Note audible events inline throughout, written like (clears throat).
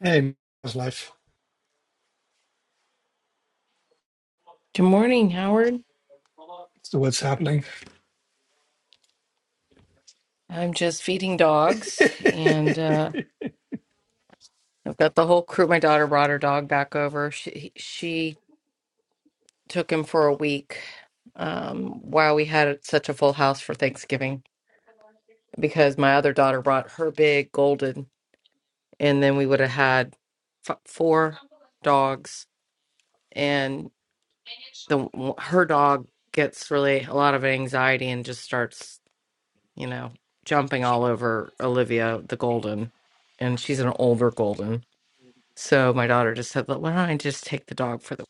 Hey, how's life? Good morning, Howard. So what's happening? I'm just feeding dogs, and uh, I've got the whole crew. My daughter brought her dog back over. She she took him for a week um, while we had such a full house for Thanksgiving because my other daughter brought her big golden, and then we would have had f four dogs, and the her dog gets really a lot of anxiety and just starts. you know, jumping all over Olivia the Golden, and she's an older Golden. So my daughter just said, "Look, "Why don't I just take the dog for the?"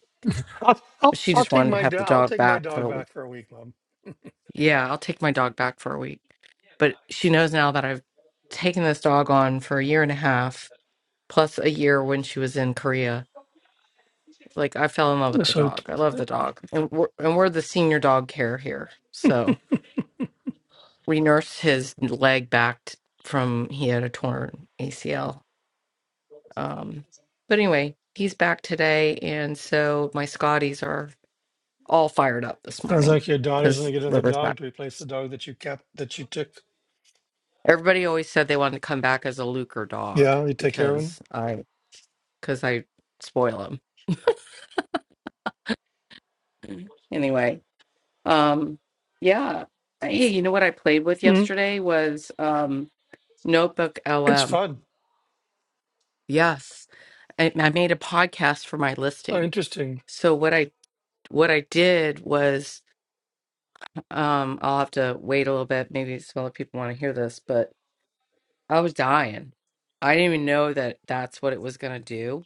I'll, I'll, She I'll just take wanted to my have do- the I'll dog take my back for dog a week. back for a week, Mom. Yeah, I'll take my dog back for a week. But she knows now that I've taken this dog on for a year and a half, plus a year when she was in Korea. Like I fell in love with the So it dog. I love the dog, and we're and we're the senior dog care here, so we nursed his leg back t- from he had a torn ACL Um, but anyway, he's back today, and so my Scotties are all fired up this sounds morning like your daughter's because gonna get another River's dog back. to replace the dog that you kept that you took. Everybody always said they wanted to come back as a Luker dog Yeah, you take care of him. because I because I spoil them. Anyway, um, yeah. Hey, you know what I played with Mm, yesterday was um, Notebook it's LM. fun. Yes, I, I made a podcast for my Oh, listing. interesting. So what I what I did was Um, I'll have to wait a little bit. Maybe some other people want to hear this, but I was dying. I didn't even know that that's what it was going to do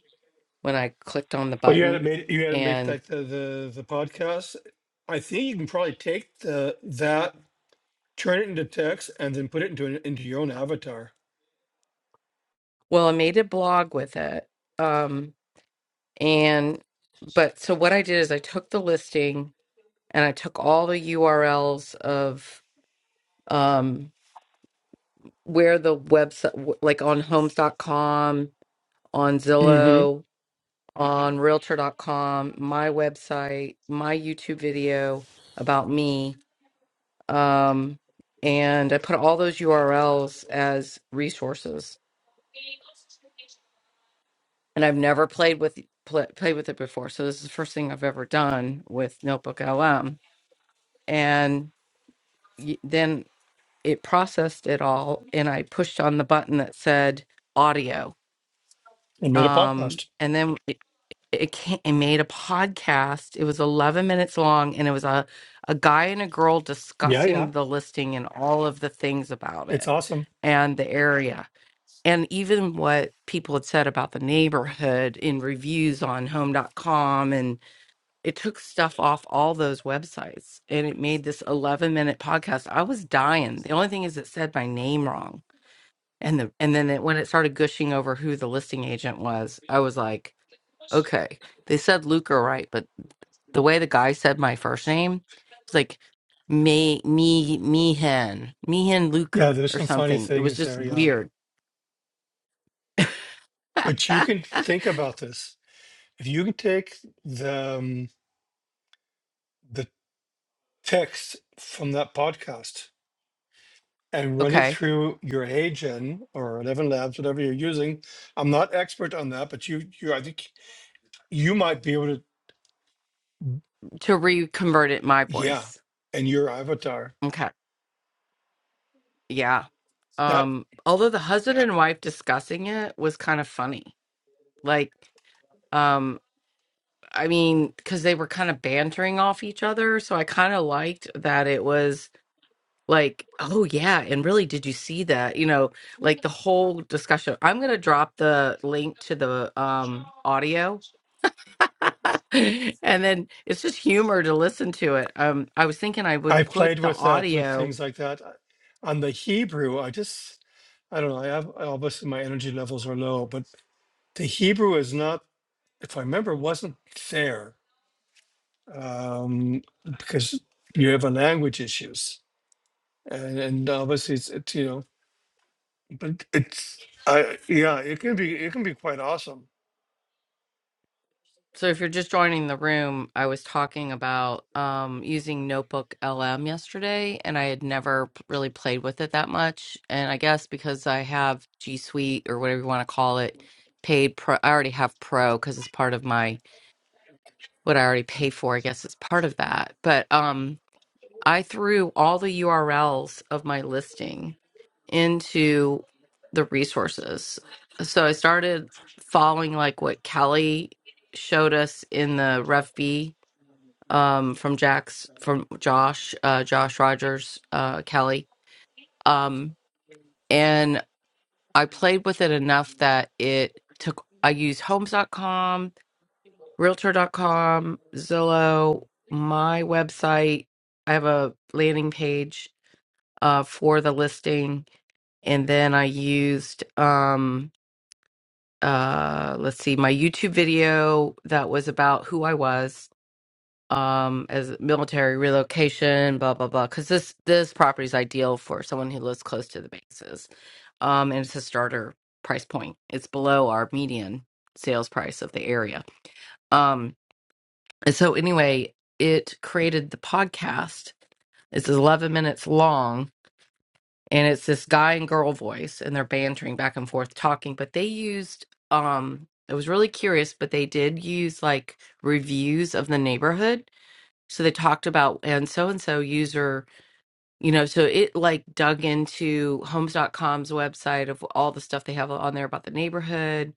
when I clicked on the Well, you button. hadn't made you hadn't made And like the, the the podcast. I think you can probably take the that, turn it into text, and then put it into an, into your own avatar. well, I made a blog with it. Um, and but so what I did is I took the listing and I took all the URLs of um where the website like on homes.com, on Mm-hmm. Zillow, on realtor.com, my website, my YouTube video about me. Um, and I put all those URLs as resources. And I've never played with pl- played with it before. So this is the first thing I've ever done with Notebook LM. And y- then it processed it all and I pushed on the button that said audio. And made a Um, podcast. and then it came, it made a podcast. It was 11 minutes long and it was a a guy and a girl Yeah, yeah. discussing the listing and all of the things about It's it awesome. and the area and even what people had said about the neighborhood in reviews on Home dot com. and it took stuff off all those websites and it made this 11 minute podcast. I was dying. The only thing is it said my name wrong and the and then it, when it started gushing over who the listing agent was, I was like, okay, they said Luca right, but the way the guy said my first name, it's like me me Meehan Meehan Yeah, Luker there's or some funny something. It was things just there. Yeah. weird. But you can (laughs) think about this. If you can take the um, the text from that podcast and run it okay, through your AGEN or Eleven Labs, whatever you're using, I'm not expert on that, but you you I think you might be able to to reconvert it my yeah, voice. and your avatar. Okay, yeah. That Um, although the husband and wife discussing it was kind of funny, like. um, I mean, because they were kind of bantering off each other. So I kind of liked that it was like, oh, yeah. And really, did you see that? You know, like the whole discussion. I'm going to drop the link to the um, audio. (laughs) and then it's just humor to listen to it. Um, I was thinking I I would put played the with that with audio things like that. I- On the Hebrew, I just I don't know. I have obviously my energy levels are low, but the Hebrew is not, if I remember, wasn't there um, because you have a language issues, and, and obviously it's, it's you know, but it's I yeah, it can be it can be quite awesome. So if you're just joining the room, I was talking about um, using Notebook LM yesterday, and I had never p- really played with it that much. And I guess because I have G Suite or whatever you want to call it, paid pro, I already have Pro because it's part of my what I already pay for. I guess it's part of that. But um, I threw all the URLs of my listing into the resources. So I started following like what Kelly showed us in the Ref B um, from Jack's from Josh, uh, Josh Rogers, uh, Kelly. Um, and I played with it enough that it took, I used Homes dot com, Realtor dot com, Zillow, my website. I have a landing page uh, for the listing. And then I used, um, uh let's see my youtube video that was about who i was um as military relocation blah blah blah because this this property is ideal for someone who lives close to the bases um and it's a starter price point it's below our median sales price of the area um and so anyway it created the podcast it's 11 minutes long and it's this guy and girl voice and they're bantering back and forth talking but they used um it was really curious but they did use like reviews of the neighborhood so they talked about and so and so user you know so it like dug into homes.com's website of all the stuff they have on there about the neighborhood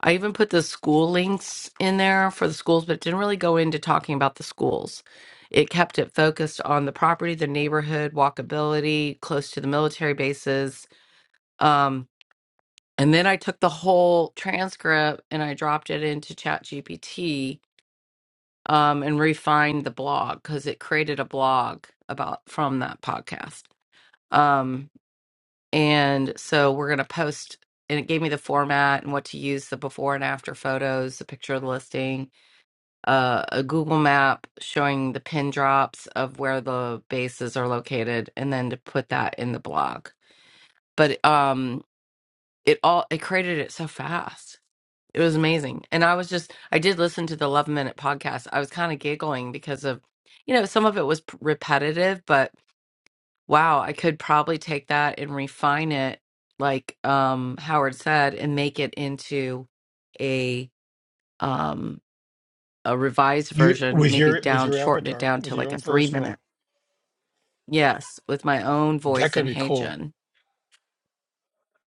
i even put the school links in there for the schools but it didn't really go into talking about the schools it kept it focused on the property the neighborhood walkability close to the military bases um, and then I took the whole transcript and I dropped it into ChatGPT um, and refined the blog because it created a blog about from that podcast. Um, and so we're going to post, and it gave me the format and what to use the before and after photos, a picture of the listing, uh, a Google map showing the pin drops of where the bases are located, and then to put that in the blog. But um, it all it created it so fast It was amazing. And I was just, I did listen to the Love minute podcast. I was kind of giggling because of, you know, some of it was p- repetitive, but wow, I could probably take that and refine it, like um, Howard said, and make it into a, um, a revised You version, with maybe your with down, your shorten it avatar, down with to your like a own three personal, minute. Yes, with my own that voice could in be Hey cool. Jen.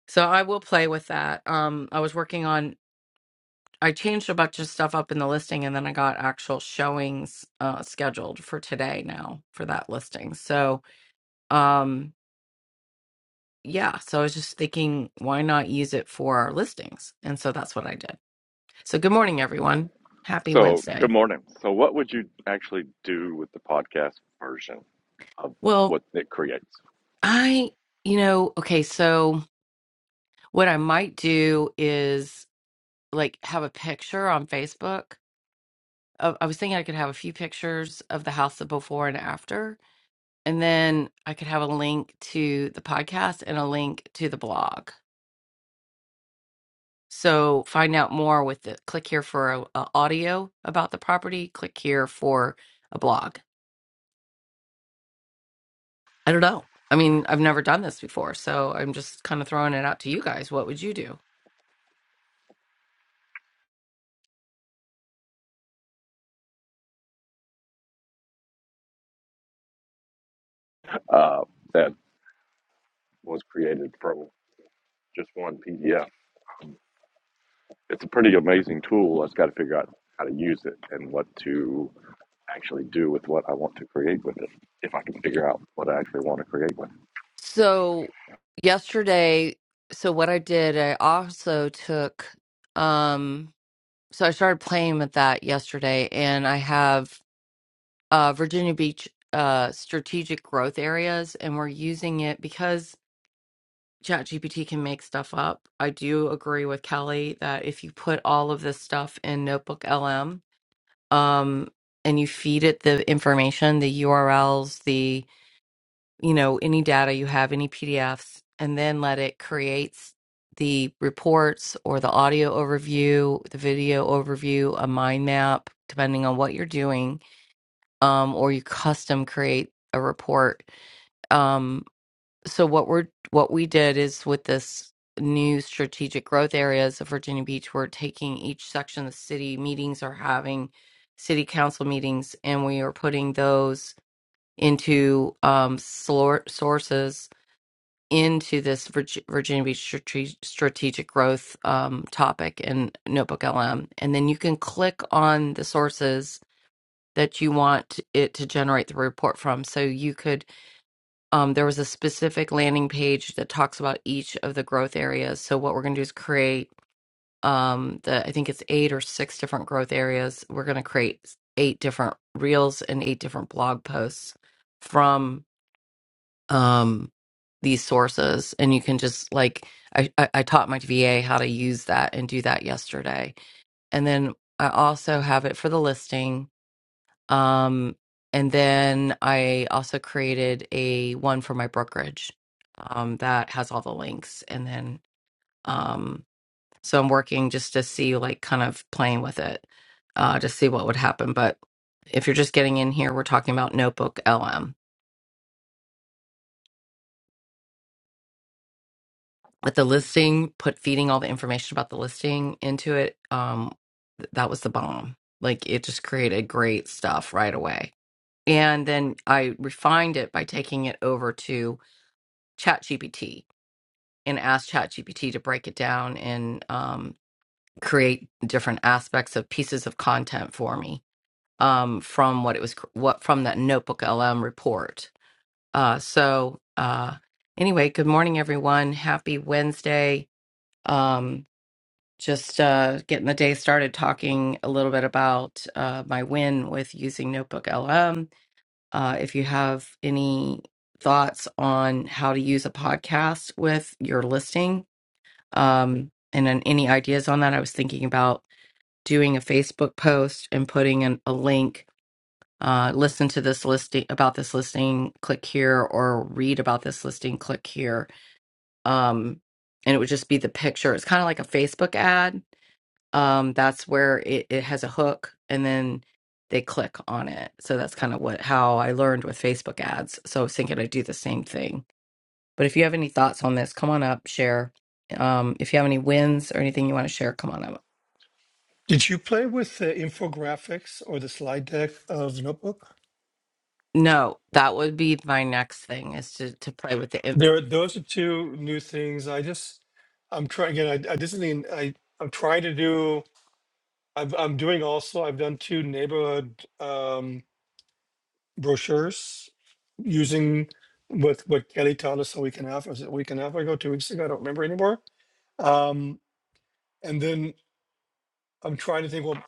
So I will play with that. Um, I was working on I changed a bunch of stuff up in the listing and then I got actual showings uh scheduled for today now for that listing. So, um yeah, so I was just thinking why not use it for our listings? And so that's what I did. So, good morning everyone. Happy So, Wednesday. good morning. So, what would you actually do with the podcast version of Well, what it creates I you know, okay, so what I might do is like have a picture on Facebook. of- I was thinking I could have a few pictures of the house the before and after and then I could have a link to the podcast and a link to the blog. So find out more with the click here for a, a audio about the property, click here for a blog. I don't know. I mean, I've never done this before, so I'm just kind of throwing it out to you guys. What would you do? uh, that was created from just one PDF? It's a pretty amazing tool. I just got to figure out how to use it and what to actually do with what I want to create with it, if I can figure out what I actually want to create with. So yesterday, so what I did, I also took um so I started playing with that yesterday and I have uh, Virginia Beach uh, strategic growth areas, and we're using it because ChatGPT can make stuff up. I do agree with Kelly that if you put all of this stuff in Notebook LM um, and you feed it the information, the URLs, the you know any data you have, any PDFs, and then let it create the reports or the audio overview, the video overview, a mind map, depending on what you're doing um, or you custom create a report. Um, so what we're what we did is with this new strategic growth areas of Virginia Beach, we're taking each section of the city meetings are having city council meetings, and we are putting those into um, slor- sources into this Virg- Virginia Beach strate- strategic growth um, topic in Notebook LM, and then you can click on the sources that you want it to generate the report from. So you could, um, there was a specific landing page that talks about each of the growth areas. So what we're going to do is create um, the, I think it's eight or six different growth areas. We're going to create eight different reels and eight different blog posts from um, these sources. And you can just like, I, I, I taught my VA how to use that and do that yesterday. And then I also have it for the listing um, and then I also created a one for my brokerage um, that has all the links. And then, um, so I'm working just to see, like, kind of playing with it uh, to see what would happen. But if you're just getting in here, we're talking about Notebook LM with the listing, put feeding all the information about the listing into it. Um, th- that was the bomb. Like, it just created great stuff right away. And then I refined it by taking it over to ChatGPT and asked ChatGPT to break it down and um, create different aspects of pieces of content for me um, from what it was what from that Notebook LM report. Uh, so uh, anyway, good morning, everyone. Happy Wednesday. Um, just uh, getting the day started talking a little bit about uh, my win with using Notebook LM. Uh, if you have any thoughts on how to use a podcast with your listing, Um, and then any ideas on that? I was thinking about doing a Facebook post and putting in a link. Uh, listen to this listing about this listing, click here, or read about this listing, click here. Um, and it would just be the picture. It's kind of like a Facebook ad. Um, that's where it, it has a hook, and then they click on it. So that's kind of what how I learned with Facebook ads. So I was thinking I'd do the same thing but if you have any thoughts on this, come on up, share. Um, if you have any wins or anything you want to share, come on up. Did you play with the infographics or the slide deck of Notebook? No, that would be my next thing is to to play with the. im- There, those are two new things. I just I'm trying again. I, I this is I I'm trying to do. I've, I'm doing also. I've done two neighborhood. Um, brochures using what what Kelly taught us a week and a half, was it a week and a half ago, two weeks ago? I don't remember anymore. Um, and then I'm trying to think, well,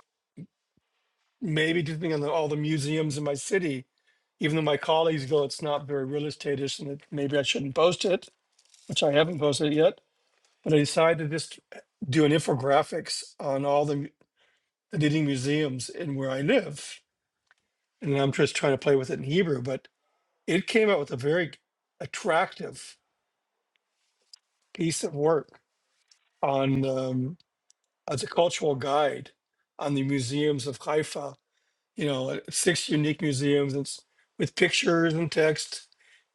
maybe just on the, all the museums in my city, even though my colleagues go, it's not very real estate-ish, and that maybe I shouldn't post it, which I haven't posted it yet. But I decided to just do an infographics on all the, mu- the leading museums in where I live, and I'm just trying to play with it in Hebrew. But it came out with a very attractive piece of work on um, as a cultural guide on the museums of Haifa. You know, uh, six unique museums and s- with pictures and text,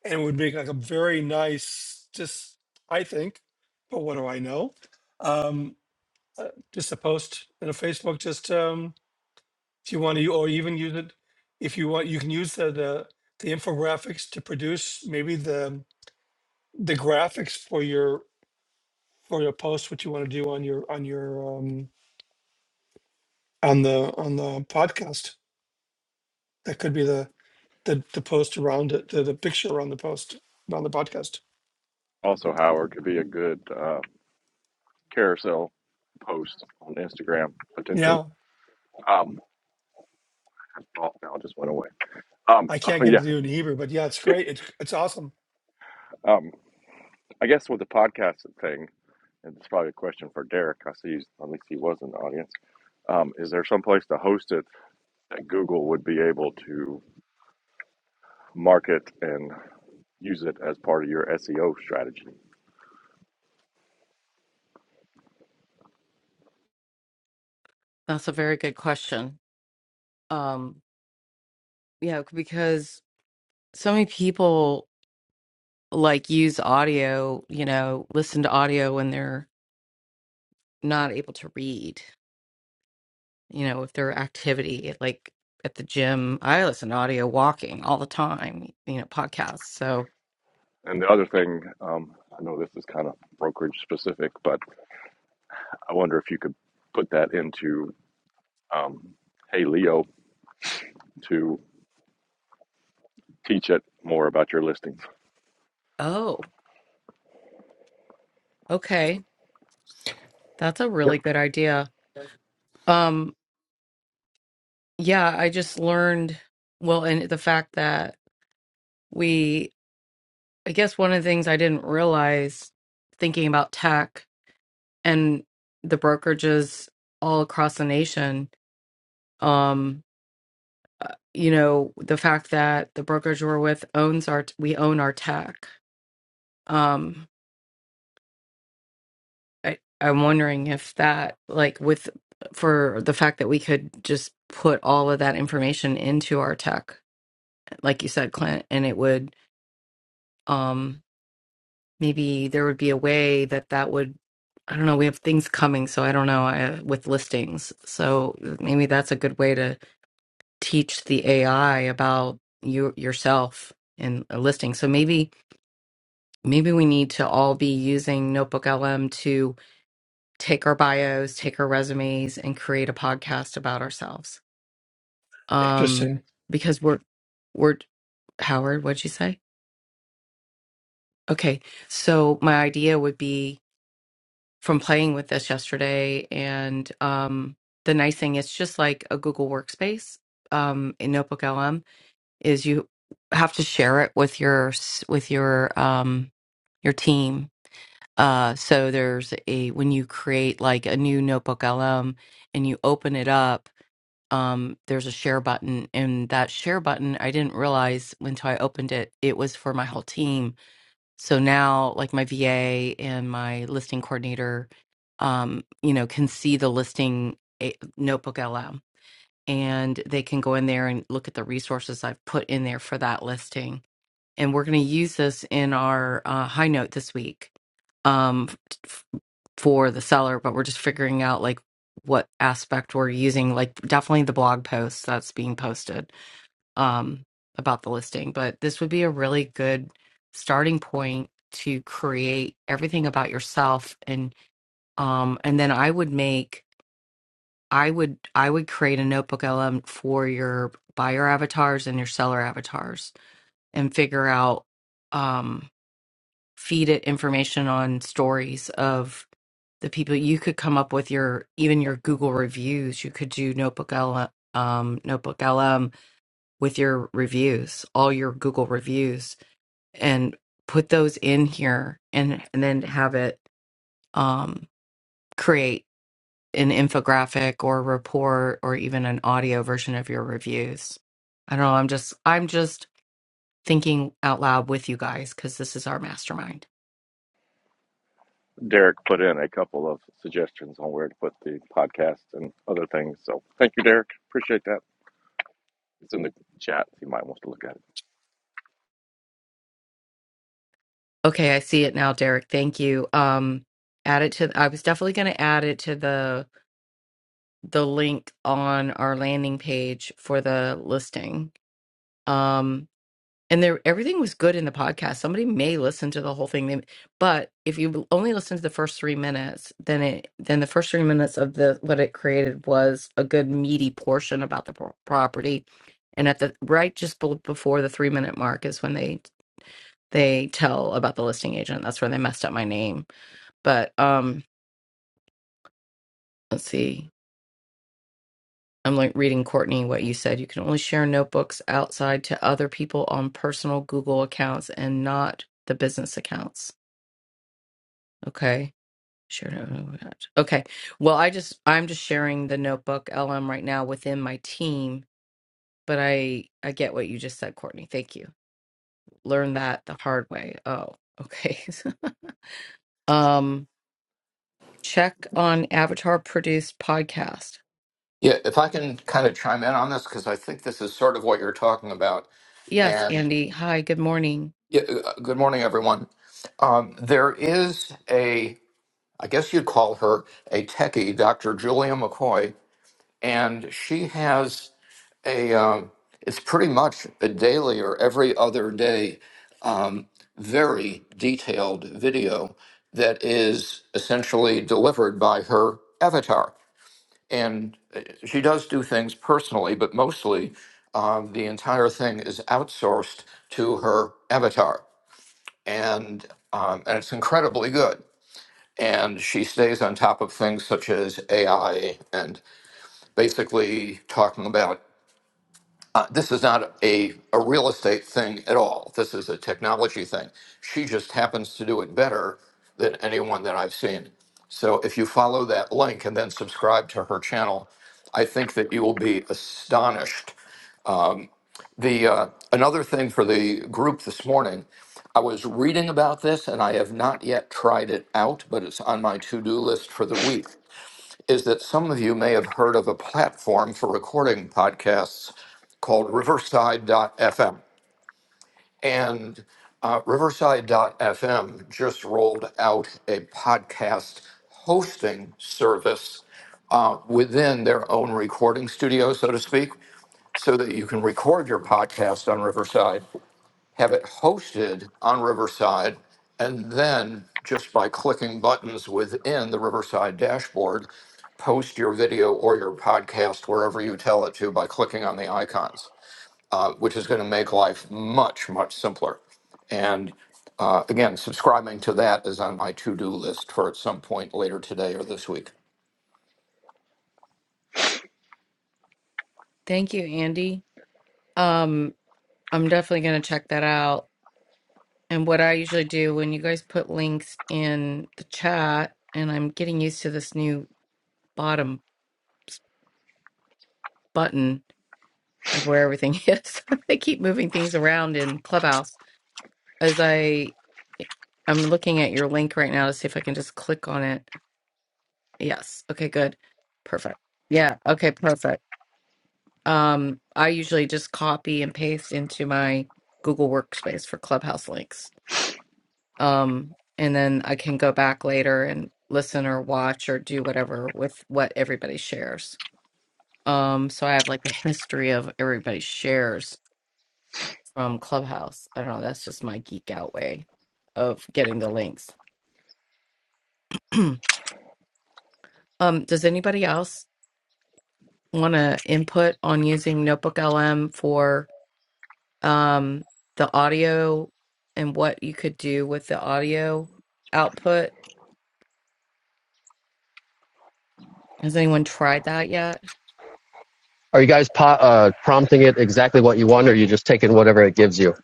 and would make like a very nice, just I think, but what do I know? Um, uh, just a post in a Facebook. Just um, if you want to, or even use it if you want, you can use the the, the infographics to produce maybe the the graphics for your for your post what you want to do on your on your um on the on the podcast. That could be the the, the post around it, the, the picture around the post around the podcast. Also, Howard could be a good uh, carousel post on Instagram potentially. Yeah, Um, oh, now it just went away. Um, I (laughs) can't oh get it to yeah. do it in Hebrew, but yeah, it's great. It's it's awesome. Um, I guess with the podcast thing, and it's probably a question for Derek. I see, he's, at least he was in the audience. Um, is there some place to host it that Google would be able to market and use it as part of your SEO strategy? That's a very good question. Um, yeah, because so many people like use audio, you know, listen to audio when they're not able to read, you know, if their activity like at the gym, I listen to audio walking all the time, you know, podcasts. So, And the other thing, um, I know this is kind of brokerage specific, but I wonder if you could put that into um, Hey Leo to teach it more about your listings. oh, okay. That's a really good idea Um, yeah, I just learned, well, and the fact that we, I guess one of the things I didn't realize thinking about tech and the brokerages all across the nation, um, uh, you know, the fact that the brokerage we're with owns our, we own our tech. Um, I, I'm wondering if that, like, with, for the fact that we could just put all of that information into our tech, like you said, Clint, and it would. um, maybe there would be a way that that would I don't know, we have things coming, so I don't know I, with listings. So maybe that's a good way to teach the AI about you yourself in a listing. So maybe maybe we need to all be using Notebook LM to take our bios, take our resumes and create a podcast about ourselves. Um Interesting. because we're we're Howard, what'd you say? Okay. So my idea would be from playing with this yesterday. And um, the nice thing, it's just like a Google Workspace um, in Notebook LM, is you have to share it with your s- with your um, your team. Uh, so there's a when you create like a new Notebook LM and you open it up, um, there's a share button, and that share button I didn't realize until I opened it. It was for my whole team so now, like my VA and my listing coordinator, um, you know, can see the listing eh, notebook out loud and they can go in there and look at the resources I've put in there for that listing. And we're going to use this in our uh, high note this week um, f- for the seller, but we're just figuring out like what aspect we're using, like definitely the blog post that's being posted um, about the listing, but this would be a really good starting point to create everything about yourself and um and then I would make I would I would create a notebook LM for your buyer avatars and your seller avatars and figure out um feed it information on stories of the people you could come up with your even your Google reviews you could do notebook LM um notebook LM with your reviews all your Google reviews and put those in here and, and then have it um, create an infographic or report or even an audio version of your reviews. I don't know. I'm just I'm just thinking out loud with you guys because this is our mastermind. Derek put in a couple of suggestions on where to put the podcast and other things. So thank you, Derek. Appreciate that. It's in the chat if you might want to look at it. Okay, I see it now, Derek. Thank you. Um, add it to, I was definitely going to add it to the the link on our landing page for the listing. Um, and there everything was good in the podcast. Somebody may listen to the whole thing, they- but if you only listen to the first three minutes, then it then the first three minutes of the what it created was a good meaty portion about the pro- property. And at the right just be- before the three minute mark is when they they tell about the listing agent. That's where they messed up my name but um, let's see. I'm like reading Courtney what you said. You can only share notebooks outside to other people on personal Google accounts and not the business accounts. Okay. Share notebook. Okay. Well, I just I'm just sharing the notebook LM right now within my team, but I I get what you just said, Courtney. Thank you. Learn that the hard way. Oh, okay. (laughs) um check on avatar produced podcast. Yeah, if I can kind of chime in on this, because I think this is sort of what you're talking about. Yes, And Andy. Hi, good morning. yeah, uh, good morning, everyone. Um, there is a, I guess you'd call her a techie, Dr. Julia McCoy, and she has a, um, it's pretty much a daily or every other day, um, very detailed video that is essentially delivered by her avatar. and uh, she does do things personally, but mostly um, the entire thing is outsourced to her avatar, and um, and it's incredibly good. And she stays on top of things such as AI and basically talking about uh, this is not a, a real estate thing at all. This is a technology thing. She just happens to do it better than anyone that I've seen. So if you follow that link and then subscribe to her channel, I think that you will be astonished. The uh, another thing for the group this morning, I was reading about this and I have not yet tried it out, but it's on my to-do list for the week is that some of you may have heard of a platform for recording podcasts called Riverside FM, And uh, FM just rolled out a podcast hosting service uh, within their own recording studio, so to speak, so that you can record your podcast on Riverside have it hosted on Riverside, and then just by clicking buttons within the Riverside dashboard, post your video or your podcast wherever you tell it to by clicking on the icons, uh, which is going to make life much, much simpler. And uh, again, subscribing to that is on my to do list for at some point later today or this week. Thank you, Andy. Um, I'm definitely going to check that out. And what I usually do when you guys put links in the chat, and I'm getting used to this new bottom button of where everything (laughs) is. they keep moving things around in Clubhouse. As I, I'm looking at your link right now to see if I can just click on it. Yes. Okay. Good. Perfect. Yeah. Okay. Perfect. Um, I usually just copy and paste into my Google Workspace for Clubhouse links. um, and then I can go back later and listen or watch or do whatever with what everybody shares. Um, so I have like the history of everybody shares from Clubhouse. I don't know. That's just my geek out way of getting the links. (clears throat) um, does anybody else want to input on using Notebook LM for um, the audio and what you could do with the audio output? Has anyone tried that yet? Are you guys po- uh, prompting it exactly what you want, or are you just taking whatever it gives you?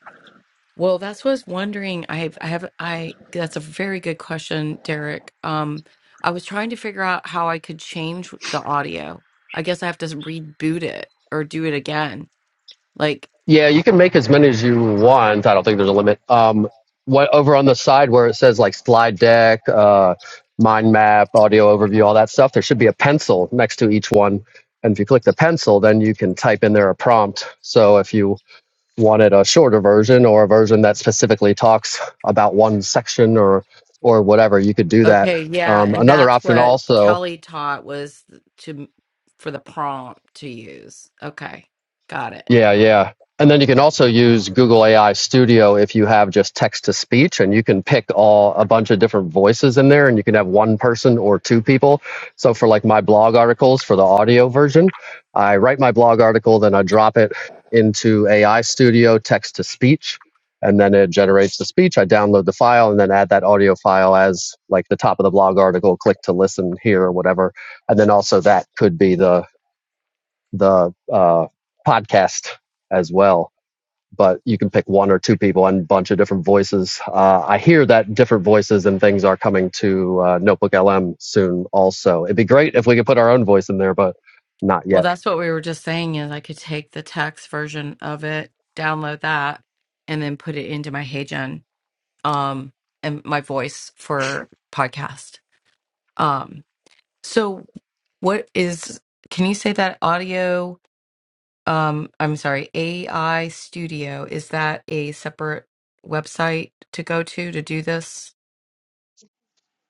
Well, that's what I was wondering. I have, I have, I, that's a very good question, Derek. Um, I was trying to figure out how I could change the audio. I guess I have to reboot it or do it again. Like, Yeah, you can make as many as you want. I don't think there's a limit. Um, what over on the side where it says like slide deck, uh, mind map, audio overview, all that stuff, there should be a pencil next to each one. And if you click the pencil, then you can type in there a prompt. So if you wanted a shorter version or a version that specifically talks about one section or or whatever, you could do that. okay, yeah, Um, and another that's option what also Kelly taught was to for the prompt to use. Okay, got it. Yeah, yeah. And then you can also use Google AI Studio if you have just text to speech and you can pick all a bunch of different voices in there and you can have one person or two people. So for like my blog articles for the audio version, I write my blog article, then I drop it into AI Studio text to speech and then it generates the speech. I download the file and then add that audio file as like the top of the blog article, click to listen here or whatever. And then also that could be the the uh, podcast as well. But you can pick one or two people and a bunch of different voices. Uh, I hear that different voices and things are coming to uh, Notebook LM soon. Also, it'd be great if we could put our own voice in there, but not Well, yet. that's what we were just saying is I could take the text version of it, download that, and then put it into my HeyGen um and my voice for podcast um so what is can you say that audio um i'm sorry ai studio is that a separate website to go to to do this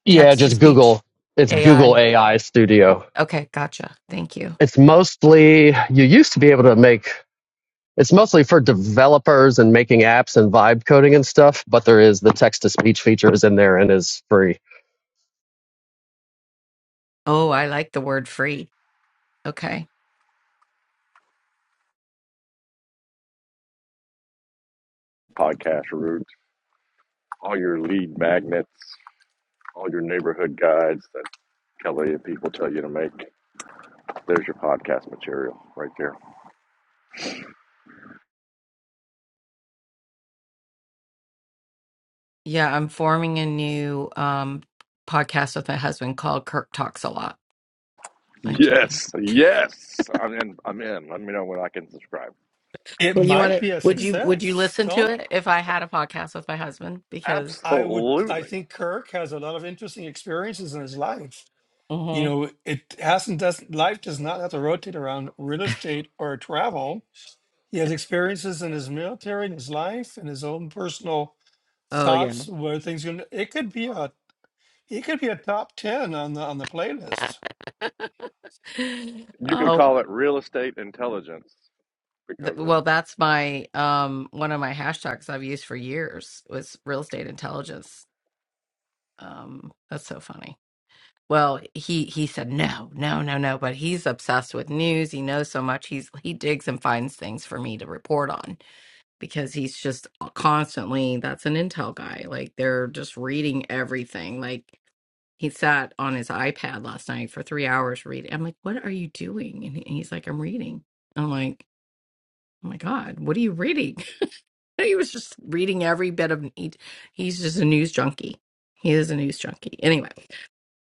Yeah, text to just speech Google. It's Google ai AI Studio. okay gotcha thank you It's mostly you used to be able to make. It's mostly for developers and making apps and vibe coding and stuff. But there is the text to speech feature is in there and is free. oh i like the word free okay Podcast route, all your lead magnets, all your neighborhood guides that Kelly and people tell you to make. There's your podcast material right there. yeah i'm forming a new um podcast with my husband called kirk talks a lot i'm kidding Yes, yes, I'm in. I'm in. Let me know when I can subscribe. It Well, you want might to? be a Would you Would you success. listen to Don't it if I had a podcast with my husband? Because I would I Absolutely. think Kirk has a lot of interesting experiences in his life. You Mhm. know, it hasn't doesn't life does not have to rotate around real estate or travel. He has experiences in his military, in his life, in his own personal oh yeah, thoughts where things going. It could be a He could be a top ten on the on the playlist. (laughs) You could oh call it real estate intelligence th- because of well, that's my um one of my hashtags I've used for years was real estate intelligence. Um, that's so funny. Well, he he said no, no, no, no, but he's obsessed with news. He knows so much. He's he digs and finds things for me to report on because he's just constantly that's an intel guy. Like they're just reading everything. Like he sat on his iPad last night for three hours reading. I'm like, what are you doing? And he- and he's like, I'm reading. I'm like, oh my God, what are you reading? (laughs) he was just reading every bit of he, he's just a news junkie. He is a news junkie. Anyway,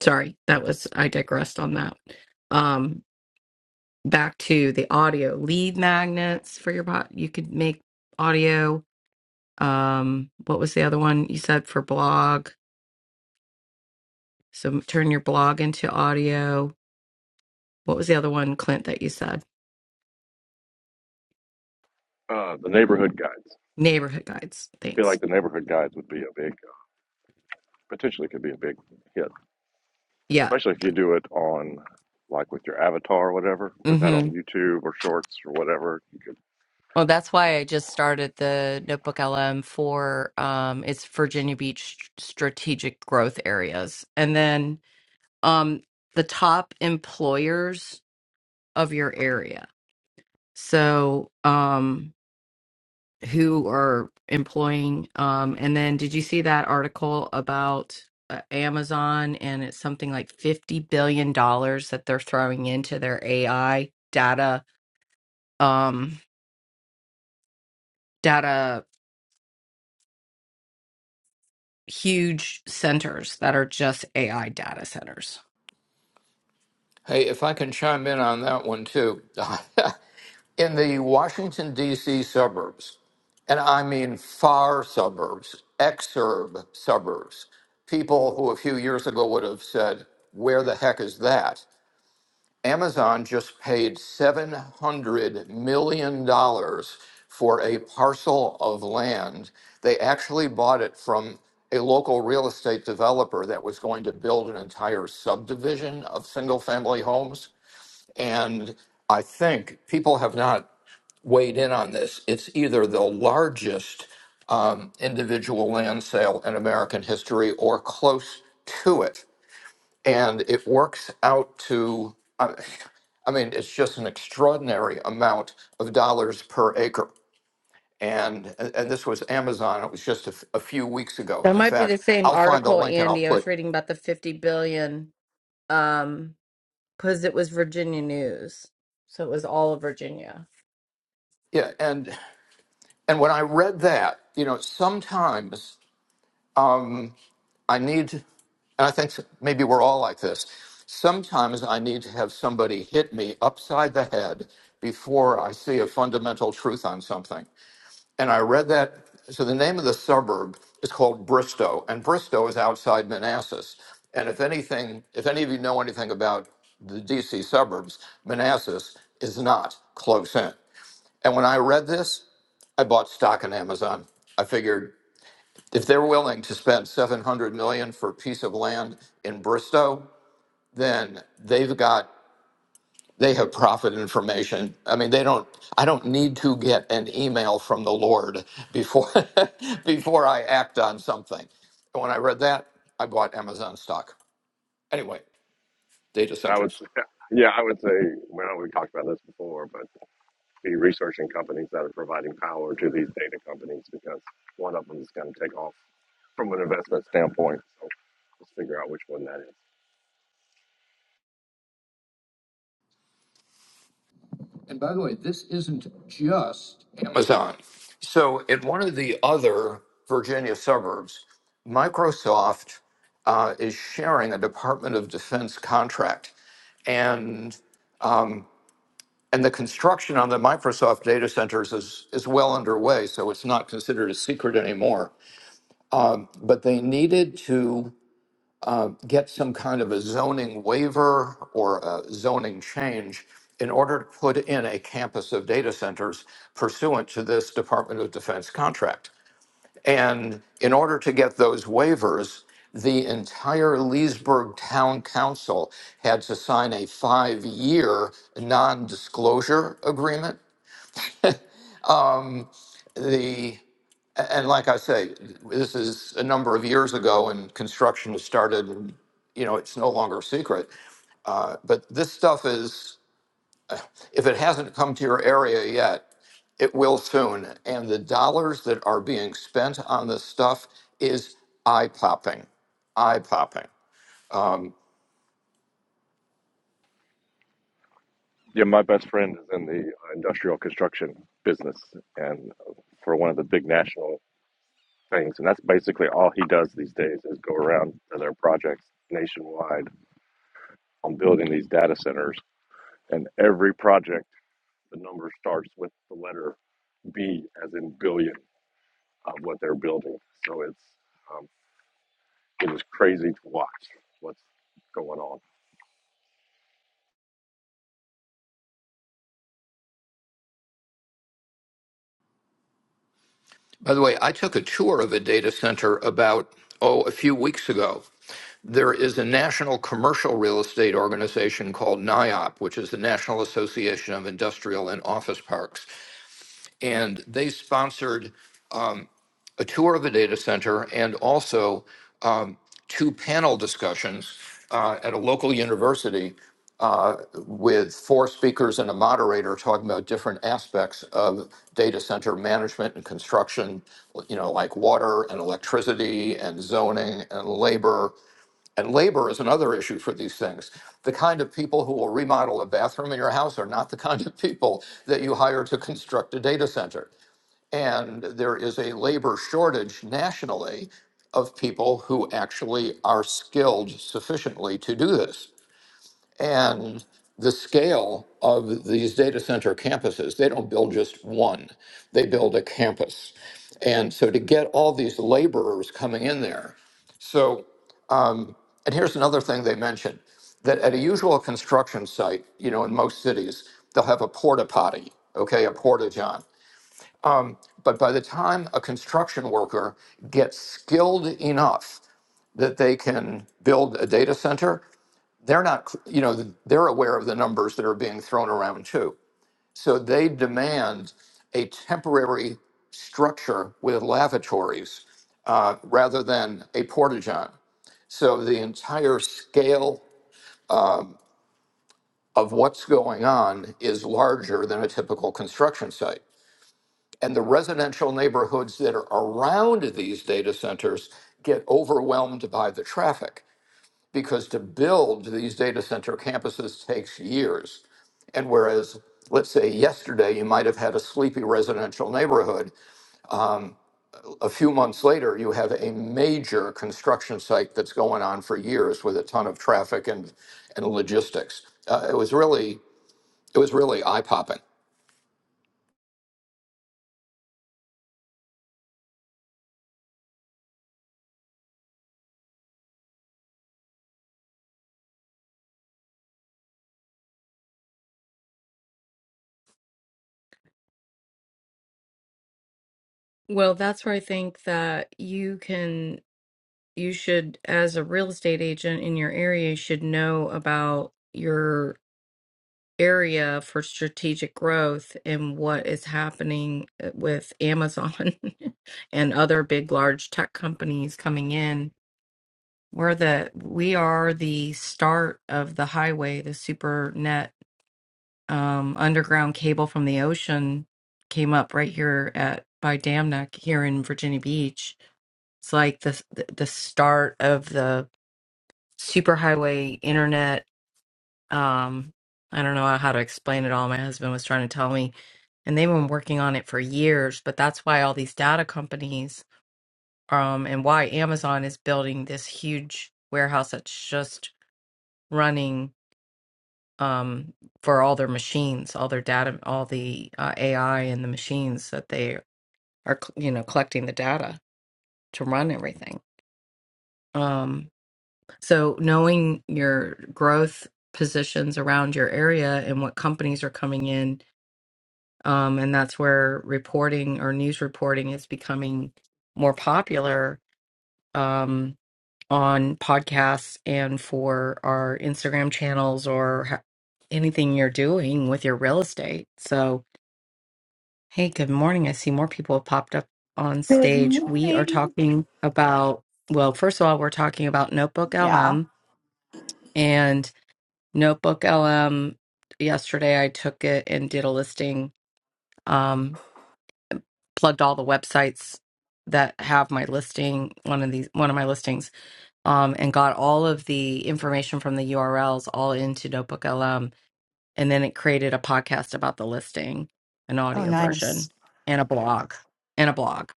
sorry, that was I digressed on that. Um back to the audio lead magnets for your bot. You could make audio. Um what was the other one you said for blog? So turn your blog into audio what was the other one, Clint, that you said? uh, the neighborhood guides. I Neighborhood guides. feel Thanks. like the neighborhood guides would be a big, potentially could be a big hit. Yeah. especially if you do it on like with your avatar or whatever put that hmm on youtube or shorts or whatever you could Well, that's why I just started the Notebook LM for um, it's Virginia Beach strategic growth areas, and then um, the top employers of your area. So, um, who are employing. Um, and then did you see that article about uh, Amazon and it's something like fifty billion dollars that they're throwing into their AI data um, data huge centers that are just AI data centers. Hey, if I can chime in on that one too. (laughs) in the Washington, D.C. suburbs, and I mean far suburbs, exurb suburbs, people who a few years ago would have said, Where the heck is that? Amazon just paid $700 million dollars for a parcel of land. They actually bought it from a local real estate developer that was going to build an entire subdivision of single family homes. And I think people have not weighed in on this. It's either the largest um, individual land sale in American history or close to it. And it works out to, I I mean, it's just an extraordinary amount of dollars per acre. And, and this was Amazon. It was just a, f- a few weeks ago. That In might be the fact, same I'll find the article, link and I'll Andy. I was put, reading about the fifty billion um, because it was Virginia news, so it was all of Virginia. yeah. And, and when I read that, you know, sometimes I need, and I think maybe we're all like this. Sometimes I need to have somebody hit me upside the head before I see a fundamental truth on something. And I read that. So the name of the suburb is called Bristow, and Bristow is outside Manassas. And if anything, if any of you know anything about the DC suburbs, Manassas is not close in. And when I read this, I bought stock in Amazon. I figured if they're willing to spend 700 million dollars for a piece of land in Bristow, then they've got they have profit information. I mean, they don't I don't need to get an email from the Lord before (laughs) before I act on something. And when I read that, I bought Amazon stock. Anyway, data and i would centers, say (laughs) yeah i would say we know we talked about this before but be researching companies that are providing power to these data companies because one of them is going to take off from an investment standpoint so let's figure out which one that is Amazon. So in one of the other Virginia suburbs, Microsoft uh, is sharing a Department of Defense contract. and. And the construction on the Microsoft data centers is, is well underway, so it's not considered a secret anymore. But they needed to get some kind of a zoning waiver or a zoning change in order to put in a campus of data centers pursuant to this Department of Defense contract. And in order to get those waivers, the entire Leesburg Town Council had to sign a five year non disclosure agreement. The And like I say, this is a number of years ago, and construction has started, and you know it's no longer a secret. Uh, but this stuff is, if it hasn't come to your area yet, it will soon. And the dollars that are being spent on this stuff is eye popping, eye popping. yeah my best friend is in the uh, industrial construction business and uh, for one of the big national things and that's basically all he does these days is go around to their projects nationwide on building these data centers. And every project, the number starts with the letter B, as in billion, of what they're building. So it's um, it is crazy to watch what's going on. By the way, I took a tour of a data center about, oh, a few weeks ago. There is a national commercial real estate organization called NIOP, which is the National Association of Industrial and Office Parks. And they sponsored a tour of the data center and also um, two panel discussions uh, at a local university uh, with four speakers and a moderator talking about different aspects of data center management and construction, you know, like water and electricity and zoning and labor. And labor is another issue for these things. The kind of people who will remodel a bathroom in your house are not the (laughs) kind of people that you hire to construct a data center. And there is a labor shortage nationally of people who actually are skilled sufficiently to do this. And the scale of these data center campuses, they don't build just one, they build a campus. And so to get all these laborers coming in there, so, and here's another thing they mentioned that at a usual construction site, you know, in most cities, they'll have a porta potty, okay, a porta john. But by the time a construction worker gets skilled enough that they can build a data center, they're not, you know, they're aware of the numbers that are being thrown around too. So they demand a temporary structure with lavatories uh, rather than a portageon. So the entire scale of what's going on is larger than a typical construction site. and the residential neighborhoods that are around these data centers get overwhelmed by the traffic because to build these data center campuses takes years. And whereas, let's say yesterday you might have had a sleepy residential neighborhood, a few months later you have a major construction site that's going on for years with a ton of traffic and, and logistics. Uh, it was really it was really eye popping. Well, that's where I think that you can. you should, as a real estate agent in your area, you should know about your area for strategic growth and what is happening uh, with Amazon (laughs) and other big, large tech companies coming in. We're the we are the start of the highway, the super net um, underground cable from the ocean came up right here at by Dam Neck here in Virginia Beach. It's like the the the start of the superhighway internet. Um, I don't know how to explain it all. My husband was trying to tell me, and they've been working on it for years. But that's why all these data companies, um, and why Amazon is building this huge warehouse that's just running um for all their machines, all their data, all the uh, AI and the machines that they are, you know, collecting the data to run everything. Um, So knowing your growth positions around your area and what companies are coming in, um, and that's where reporting or news reporting is becoming more popular um, on podcasts and for our Instagram channels or ha- anything you're doing with your real estate. So, hey, good morning. I see more people have popped up on Good stage. We are morning. talking about, well, first of all, we're talking about Notebook Yeah. LM. And Notebook LM. Yesterday, I took it and did a listing. Um, plugged all the websites that have my listing, one of these, one of my listings, um, and got all of the information from the URLs all into Notebook LM, and then it created a podcast about the listing, an Oh, audio nice. version, and a blog, and a blog.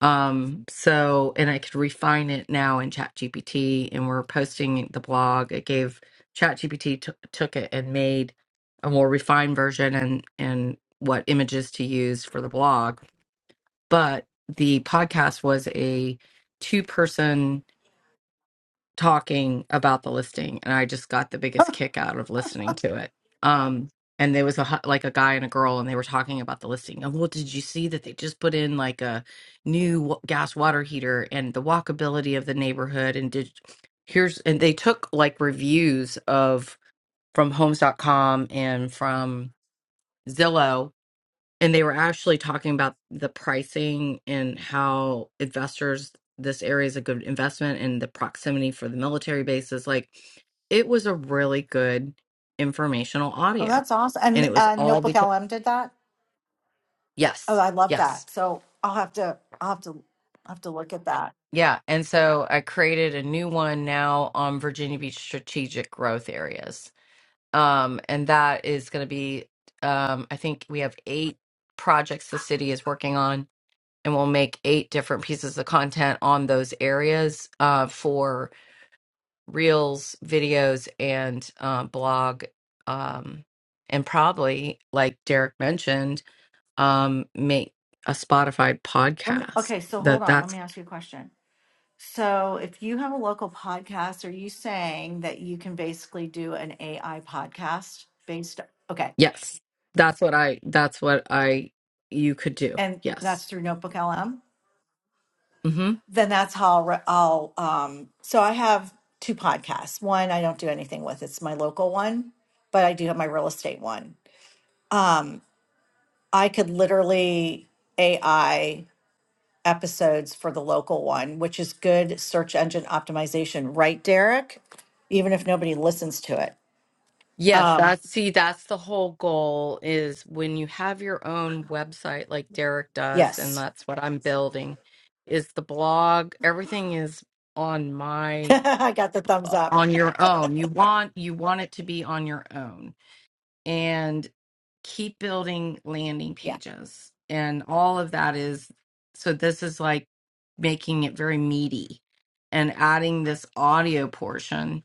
Um, so, and I could refine it now in ChatGPT, and we're posting the blog. It gave ChatGPT t- took it and made a more refined version and and what images to use for the blog. But the podcast was a two person talking about the listing and I just got the biggest kick out of listening to it. Um and there was a hu- like a guy and a girl and they were talking about the listing. And well, did you see that they just put in like a new wa- gas water heater and the walkability of the neighborhood and did here's and they took like reviews of from homes.com and from Zillow and they were actually talking about the pricing and how investors this area is a good investment and the proximity for the military bases like it was a really good informational Oh, audio that's awesome. and it And was uh, all Notebook because LM did that. Oh, yes I love yes that. So I'll have to, I'll have to, I'll have to look at that. yeah and so i created a new one now on virginia beach strategic growth areas um and that is going to be um i think we have eight projects the city is working on and we'll make eight different pieces of content on those areas uh, for reels, videos, and uh, blog. Um, and probably, like Derek mentioned, um, make a Spotify Let me. podcast. Okay, so hold That on. Let that's me ask you a question. So if you have a local podcast, are you saying that you can basically do an AI podcast based? Okay, yes, that's what I that's what I you could do. and Yes. that's through Notebook LM. Mm-hmm. Then that's how I'll. re- I'll um, so I have two podcasts. One I don't do anything with. It's my local one, but I do have my real estate one. Um, I could literally AI episodes for the local one, which is good search engine optimization, right, Derek? Even if nobody listens to it. Yes, Um, that's see, that's the whole goal is when you have your own website like Derek does, and yes, that's what I'm building, is the blog. Everything is on (laughs) my I got the thumbs uh, up. on your own. You want you want it to be on your own and keep building landing Yeah, pages. And all of that is so this is like making it very meaty and adding this audio portion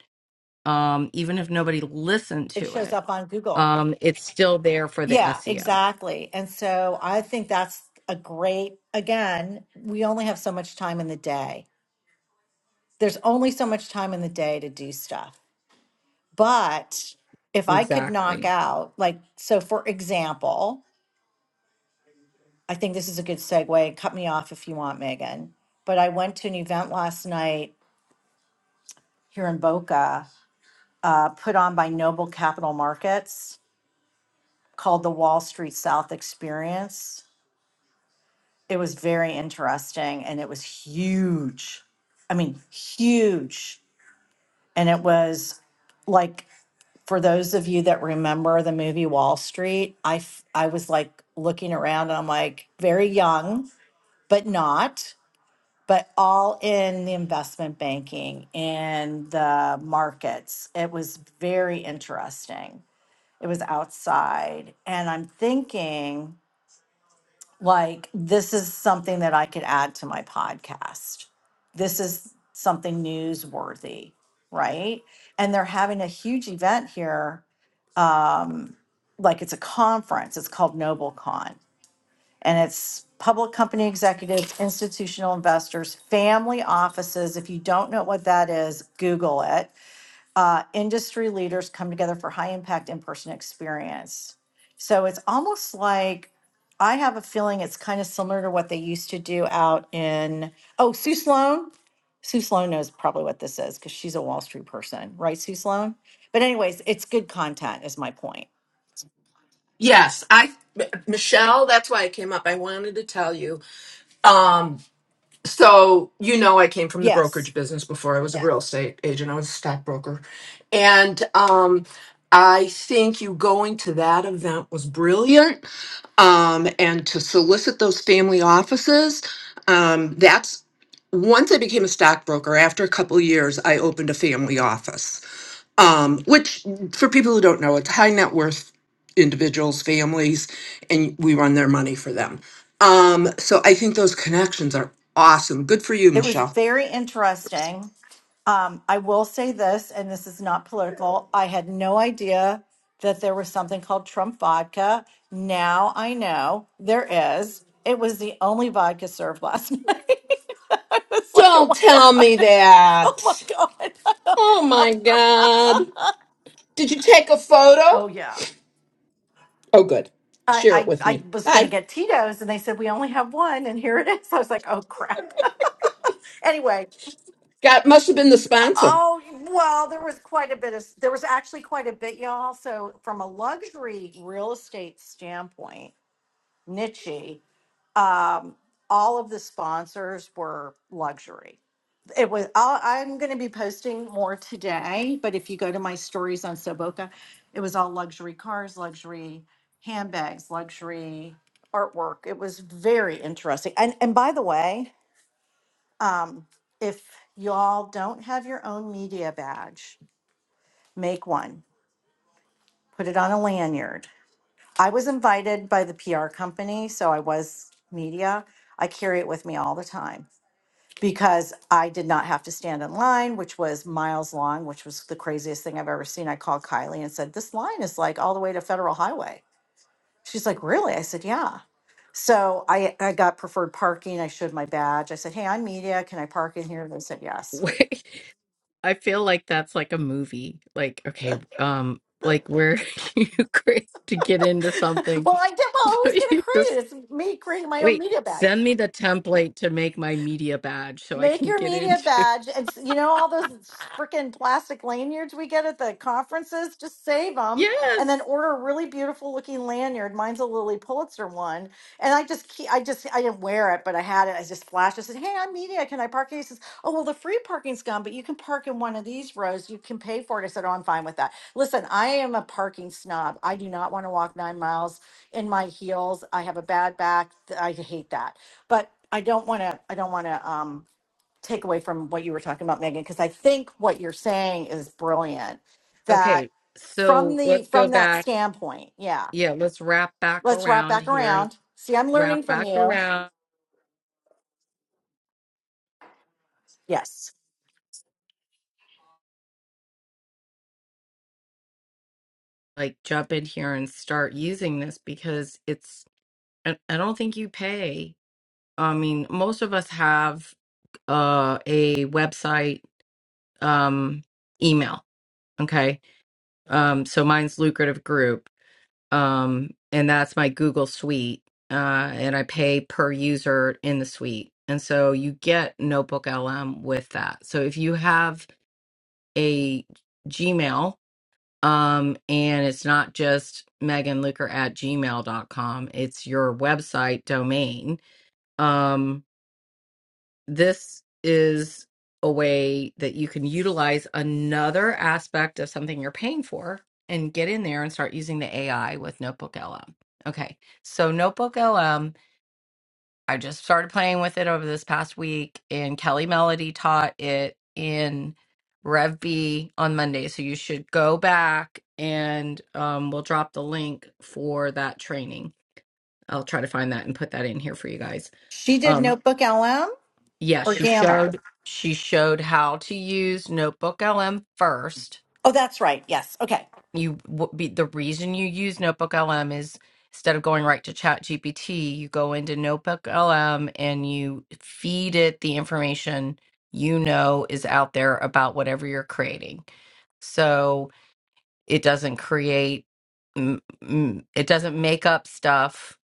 um, even if nobody listened it to shows it, up on Google. um, it's still there for the Yeah, SEO. exactly. And so I think that's a great, again, we only have so much time in the day. There's only so much time in the day to do stuff. But if I could knock Exactly. out, like, so for example, I think this is a good segue. Cut me off if you want, Megan. But I went to an event last night here in Boca, uh, put on by Noble Capital Markets called the Wall Street South Experience. It was very interesting and it was huge. I mean, huge. And it was like, for those of you that remember the movie Wall Street, I, f- I was like looking around and I'm like, very young, but not. but all in the investment banking and the markets. It was very interesting. It was outside. And I'm thinking, like, this is something that I could add to my podcast. This is something newsworthy, right? And they're having a huge event here, like it's a conference. It's called NobleCon. and it's public company executives, institutional investors, family offices. If you don't know what that is, Google it. Uh, industry leaders come together for high impact in person experience. So it's almost like I have a feeling it's kind of similar to what they used to do out in, oh, Sue Sloan. Sue Sloan knows probably what this is because she's a Wall Street person, right, Sue Sloan? But, anyways, it's good content, is my point. Yes, I, Michelle, that's why I came up. I wanted to tell you. Um, so you know I came from the Yes. brokerage business before I was a Yeah. real estate agent. I was a stockbroker. And um I think you going to that event was brilliant. Um, and to solicit those family offices, um, that's once I became a stockbroker, after a couple years, I opened a family office um, which for people who don't know, it's high net worth individuals, families, and we run their money for them. Um, so I think those connections are awesome. Good for you, It was Michelle. very interesting. Um, I will say this, and this is not political. I had no idea that there was something called Trump vodka. Now I know there is. It was the only vodka served last (laughs) night. I was like, oh Don't my tell God. me Oh that. my God. Oh my God. Did you take a (laughs) photo? oh, yeah. Oh, good. I, Share it I, with I me. was going to Bye. get Tito's, and they said, we only have one, and here it is. I was like, oh crap. (laughs) anyway, Got must have been the sponsor. Oh, well, there was quite a bit of, there was actually quite a bit, y'all. So, from a luxury real estate standpoint, niche, um, all of the sponsors were luxury. It was, I'll, I'm going to be posting more today, but if you go to my stories on Soboka, it was all luxury cars, luxury handbags, luxury artwork. It was very interesting. And, and by the way, um, if y'all don't have your own media badge, make one, put it on a lanyard. I was invited by the PR company, so I was media. I carry it with me all the time because I did not have to stand in line, which was miles long, which was the craziest thing I've ever seen. I called Kylie and said, This line is like all the way to Federal Highway. She's like, Really? I said, Yeah. So I, I got preferred parking. I showed my badge. I said, Hey, I'm media. Can I park in here? They said, (laughs) Yes. I feel like that's like a movie. Like, okay, um, like where (laughs) you create to get into (laughs) something. Well, (laughs) I did. Well, So who's going you to create it? just It's me creating my own wait, media badge. send me the template to make my media badge so I Make can your get media into. badge. And s- you know, all those freaking plastic lanyards we get at the conferences, just save them and then Yes. order a really beautiful looking lanyard. Mine's a Lily Pulitzer one. And I just, keep, I just, I didn't wear it, but I had it. I just flashed. I said, Hey, I'm media. Can I park here? He says, Oh, well, the free parking's gone, but you can park in one of these rows. You can pay for it. I said, Oh, I'm fine with that. Listen, I am a parking snob. I do not want to walk nine miles in my heels. I have a bad back. I hate that. But I don't want to, I don't want to, um, take away from what you were talking about megan because i think what you're saying is brilliant that Okay. from So the let's go from that back. standpoint yeah Yeah, let's wrap back let's wrap around back here. around see i'm learning Wrap from back you around. yes Like jump in here and start using this because it's. I I don't think you pay. I mean, most of us have uh, a website um, email. Okay. Um, so mine's lucrative group. um, and that's my Google Suite, uh, and I pay per user in the suite, and so you get Notebook LM with that. So if you have a Gmail, um, and it's not just Megan Luker at gmail dot com, it's your website domain. um, this is a way that you can utilize another aspect of something you're paying for and get in there and start using the AI with Notebook LM. Okay, so Notebook LM, I just started playing with it over this past week, and Kelly Melody taught it in Rev B on Monday. So you should go back and um, we'll drop the link for that training. I'll try to find that and put that in here for you guys. she did Um. notebook lm Yeah, or she gamma showed she showed how to use Notebook LM first. oh that's right yes okay You w- be the reason you use Notebook LM is instead of going right to Chat GPT, you go into Notebook LM and you feed it the information you know is out there about whatever you're creating. So it doesn't create mm, mm, it doesn't make up stuff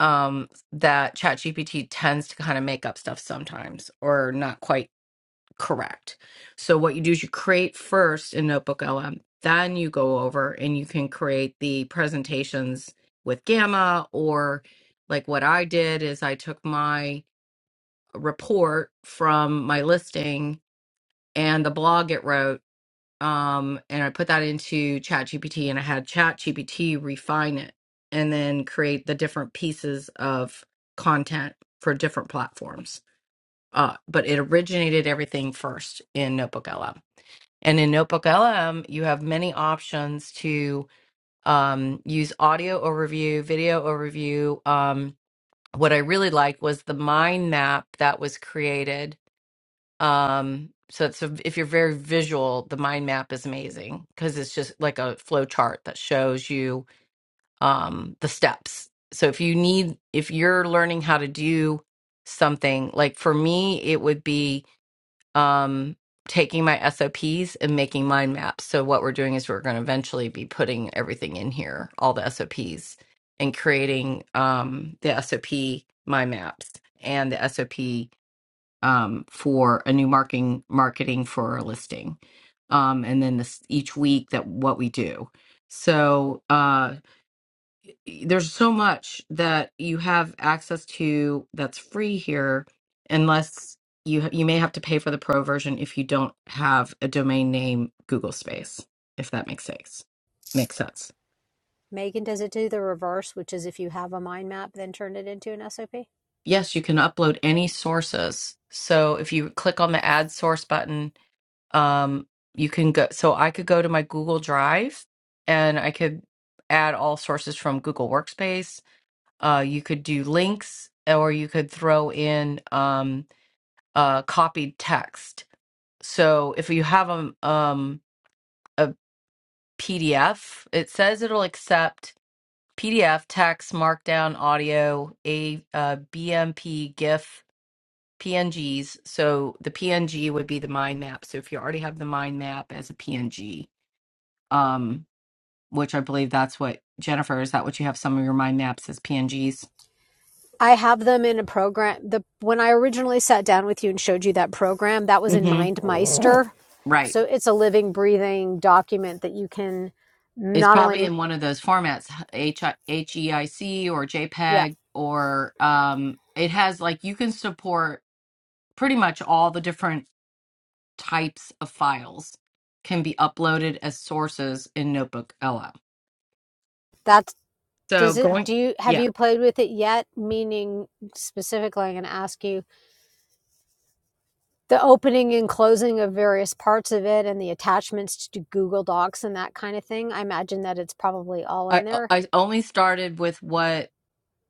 um that GPT tends to kind of make up stuff sometimes or not quite Correct. So what you do is you create first in Notebook LM, then you go over and you can create the presentations with Gamma or like what I did is I took my report from my listing and the blog it wrote um and I put that into ChatGPT and I had ChatGPT refine it and then create the different pieces of content for different platforms. Uh, but it originated everything first in Notebook LM. And in Notebook LM, you have many options to um, use audio overview, video overview. Um, what I really liked was the mind map that was created. Um, so it's a, if you're very visual, the mind map is amazing because it's just like a flow chart that shows you um, the steps. So if you need, if you're learning how to do something, like for me, it would be um, taking my SOPs and making mind maps. So what we're doing is we're going to eventually be putting everything in here, all the SOPs, and creating um, the SOP mind maps and the SOP um, for a new marketing marketing for a listing, um, and then this each week that what we do. So uh there's so much that you have access to that's free here unless you you may have to pay for the pro version if you don't have a domain name google space if that makes sense makes sense Megan, does it do the reverse, which is if you have a mind map, then turn it into an SOP? yes you can upload any sources so if you click on the add source button um you can go so i could go to my google drive and i could add all sources from google workspace uh you could do links or you could throw in Um, uh, copied text. So if you have a, um, a PDF, it says it'll accept PDF, text, Markdown, audio, a uh, BMP, GIF, PNGs. So the PNG would be the mind map. So if you already have the mind map as a PNG, um, which I believe that's what Jennifer is that what you have some of your mind maps as PNGs? I have them in a program. The when I originally sat down with you and showed you that program, that was in hmm MindMeister. Right. So it's a living, breathing document that you can It's not probably only in one of those formats, H HEIC or yeah. JPEG, or um, it has like you can support pretty much all the different types of files can be uploaded as sources in Notebook LM. That's So does it going, do you have yeah, you played with it yet? Meaning specifically, I'm going to ask you the opening and closing of various parts of it and the attachments to Google Docs and that kind of thing. I imagine that it's probably all in I there. I only started with what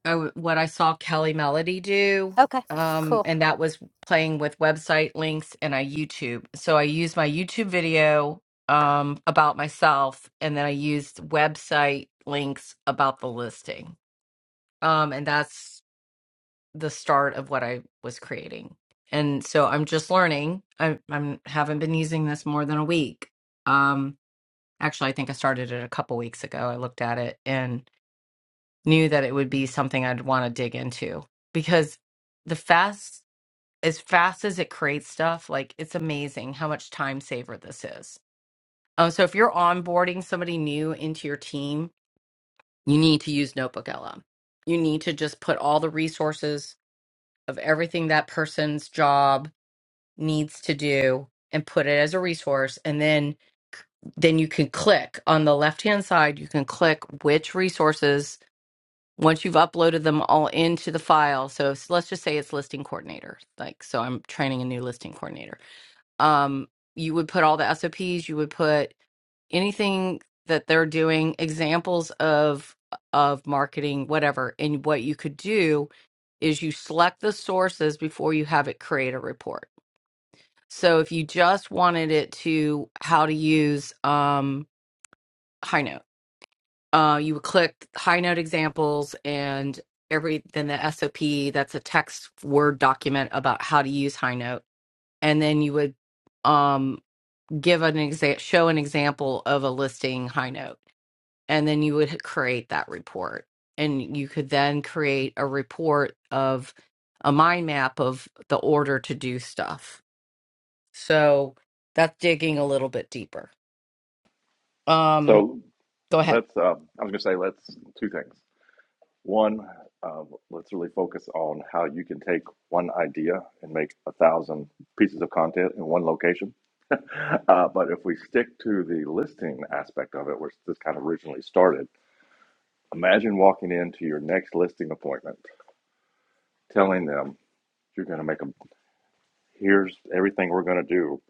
I w what I saw Kelly Melody do, Okay, cool. um, and that was playing with website links and I YouTube. So I used my YouTube video um, about myself, and then I used website links about the listing, um, and that's the start of what I was creating. And so I'm just learning. I I'm, haven't been using this more than a week. Um, actually, I think I started it a couple weeks ago. I looked at it and knew that it would be something I'd want to dig into because the fast, as fast as it creates stuff, like it's amazing how much time saver this is. Um, so if you're onboarding somebody new into your team, you need to use Notebook LM. You need to just put all the resources of everything that person's job needs to do and put it as a resource and then then you can click on the left hand side you can click which resources once you've uploaded them all into the file so s- let's just say it's listing coordinator like so i'm training a new listing coordinator um you would put all the sops you would put anything that they're doing examples of of marketing whatever and what you could do is you select the sources before you have it create a report so if you just wanted it to how to use um High uh, you would click high note examples and every then the SOP that's a text word document about how to use high note and then you would um, give an exa- show an example of a listing high note and then you would create that report and you could then create a report of a mind map of the order to do stuff so that's digging a little bit deeper um So go ahead let's. Uh, I was going to say let's two things. One, uh, let's really focus on how you can take one idea and make a thousand pieces of content in one location. (laughs) Uh, but if we stick to the listing aspect of it, which this kind of originally started, Imagine walking into your next listing appointment, telling them you're going to make a here's everything we're going to do,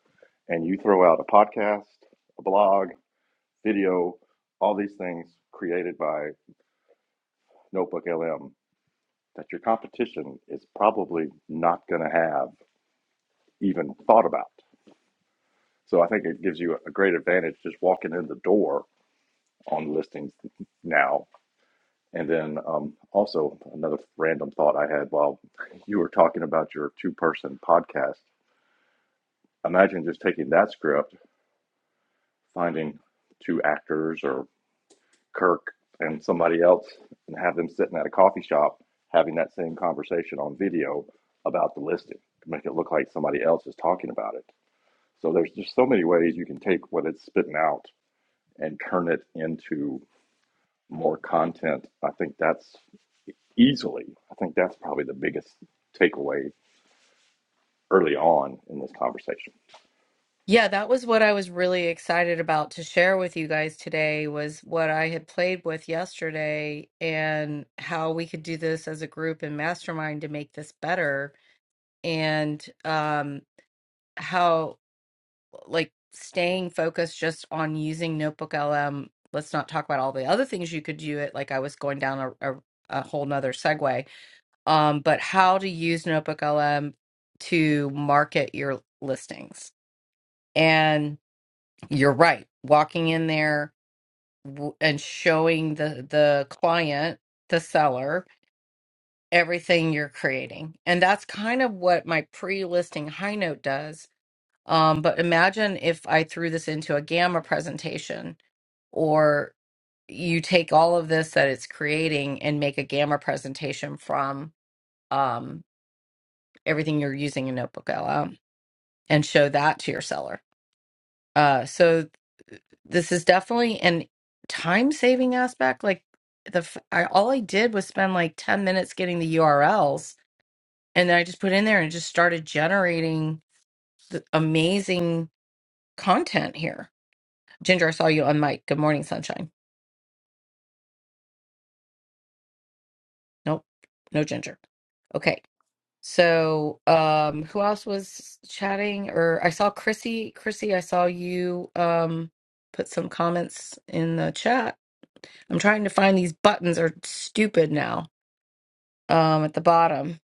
and you throw out a podcast, a blog, video, all these things created by Notebook LM that your competition is probably not going to have even thought about. So I think it gives you a great advantage just walking in the door on listings now. And then um, also another random thought I had while you were talking about your two person podcast imagine just taking that script, finding two actors or Kirk and somebody else, and have them sitting at a coffee shop having that same conversation on video about the listing to make it look like somebody else is talking about it. So there's just so many ways you can take what it's spitting out and turn it into more content. I think that's easily, I think that's probably the biggest takeaway early on in this conversation. Yeah, that was what I was really excited about to share with you guys today was what I had played with yesterday and how we could do this as a group and mastermind to make this better and um how like staying focused just on using Notebook LM. Let's not talk about all the other things you could do it like I was going down a, a, a whole nother segue. Um, but how to use Notebook LM to market your listings. and. You're right. Walking in there w- and showing the the client, the seller, everything you're creating. And that's kind of what my pre-listing high note does. Um, but imagine if I threw this into a gamma presentation or you take all of this that it's creating and make a gamma presentation from um, everything you're using in Notebook LM and show that to your seller. Uh, so this is definitely an time saving aspect. Like the f- I, all I did was spend like 10 minutes getting the URLs and then I just put in there and just started generating amazing content here. Ginger, I saw you on mic. Good morning, sunshine. Nope. No Ginger. Okay. So, um who else was chatting or I saw Chrissy, Chrissy, I saw you um put some comments in the chat. I'm trying to find these buttons are stupid now. um at the bottom.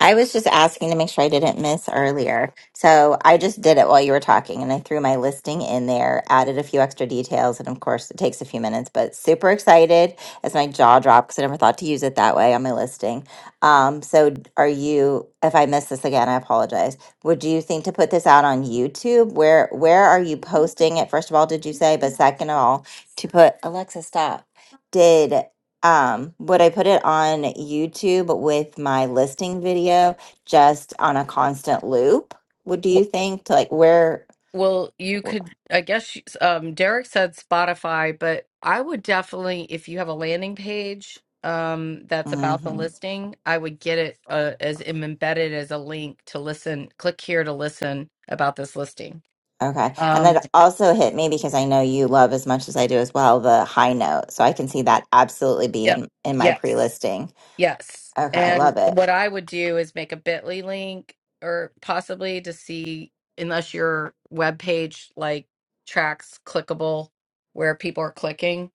I was just asking to make sure I didn't miss earlier. So I just did it while you were talking and I threw my listing in there, added a few extra details. And of course, it takes a few minutes, but super excited as my jaw dropped because I never thought to use it that way on my listing. Um, so, are you, if I miss this again, I apologize. Would you think to put this out on YouTube? Where, where are you posting it? First of all, did you say? But second of all, to put Alexa, stop. Did um would i put it on youtube with my listing video just on a constant loop would do W- you think to like where Well, you could I guess um Derek said Spotify, but I would definitely if you have a landing page um that's about the hmm listing, I would get it uh, as em- embedded as a link to listen, click here to listen about this listing. okay and Um that also hit me because i know you love as much as i do as well the high note so i can see that absolutely be yep. in in my Yes. pre-listing Yes. okay i And love it what I would do is make a bit.ly link or possibly to see, unless your web page like tracks clickable where people are clicking,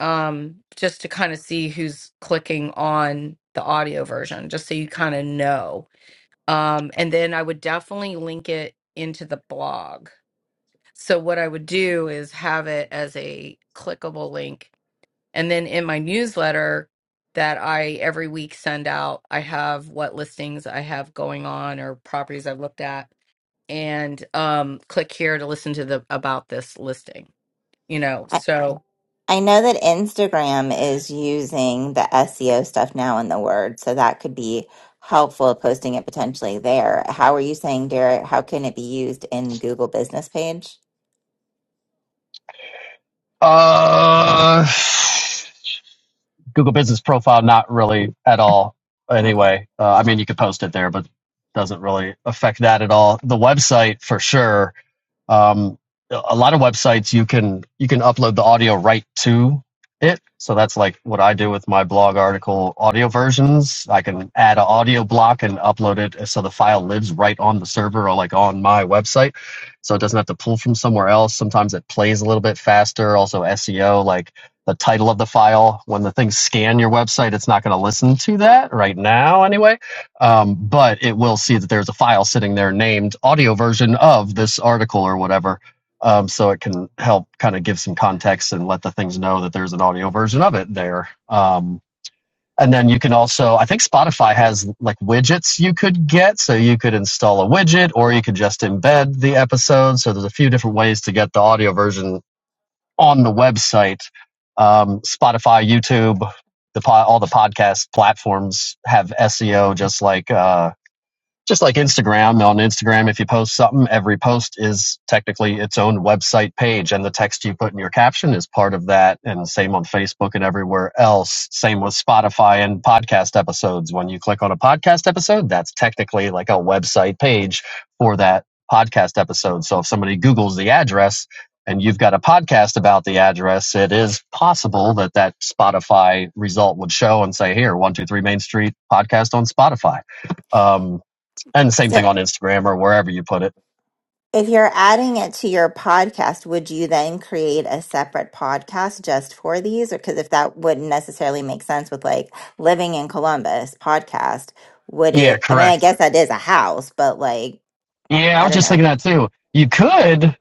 um, just to kind of see who's clicking on the audio version, just so you kind of know. Um, and then I would definitely link it into the blog. So what I would do is have it as a clickable link and then in my newsletter that I every week send out, I have what listings I have going on or properties I've looked at and um click here to listen to the about this listing. You know, so I know that Instagram is using the SEO stuff now in the word, so that could be helpful posting it potentially there. How are you saying, Derek? How can it be used in Google business page? Uh, Google Business Profile, not really at all. Okay. Anyway, uh, I mean, you could post it there, but doesn't really affect that at all. The website, for sure, um, a lot of websites you can you can upload the audio right to it. So that's like what I do with my blog article audio versions. I can add an audio block and upload it so the file lives right on the server or like on my website. So it doesn't have to pull from somewhere else. Sometimes it plays a little bit faster. Also SEO, like the title of the file. When the things scan your website, it's not going to listen to that right now anyway um, but it will see that there's a file sitting there named audio version of this article or whatever. Um, so it can help kind of give some context and let the things know that there's an audio version of it there. Um, and then you can also, I think Spotify has like widgets you could get. So you could install a widget or you could just embed the episode. So there's a few different ways to get the audio version on the website. Um, Spotify, YouTube, the po- all the podcast platforms have SEO just like, uh, just like Instagram, on Instagram, if you post something, every post is technically its own website page, and the text you put in your caption is part of that. And same on Facebook and everywhere else. Same with Spotify and podcast episodes. When you click on a podcast episode, that's technically like a website page for that podcast episode. So if somebody Googles the address, and you've got a podcast about the address, it is possible that that Spotify result would show and say, here, 123 Main Street podcast on Spotify. Um, and the same So thing on Instagram or wherever you put it. if you're adding it to your podcast, would you then create a separate podcast just for these? Or because if that wouldn't necessarily make sense with like living in Columbus podcast, would Yeah, it? I mean, I correct. guess that is a house, but like, Yeah, I I was don't just thinking know. that too. You could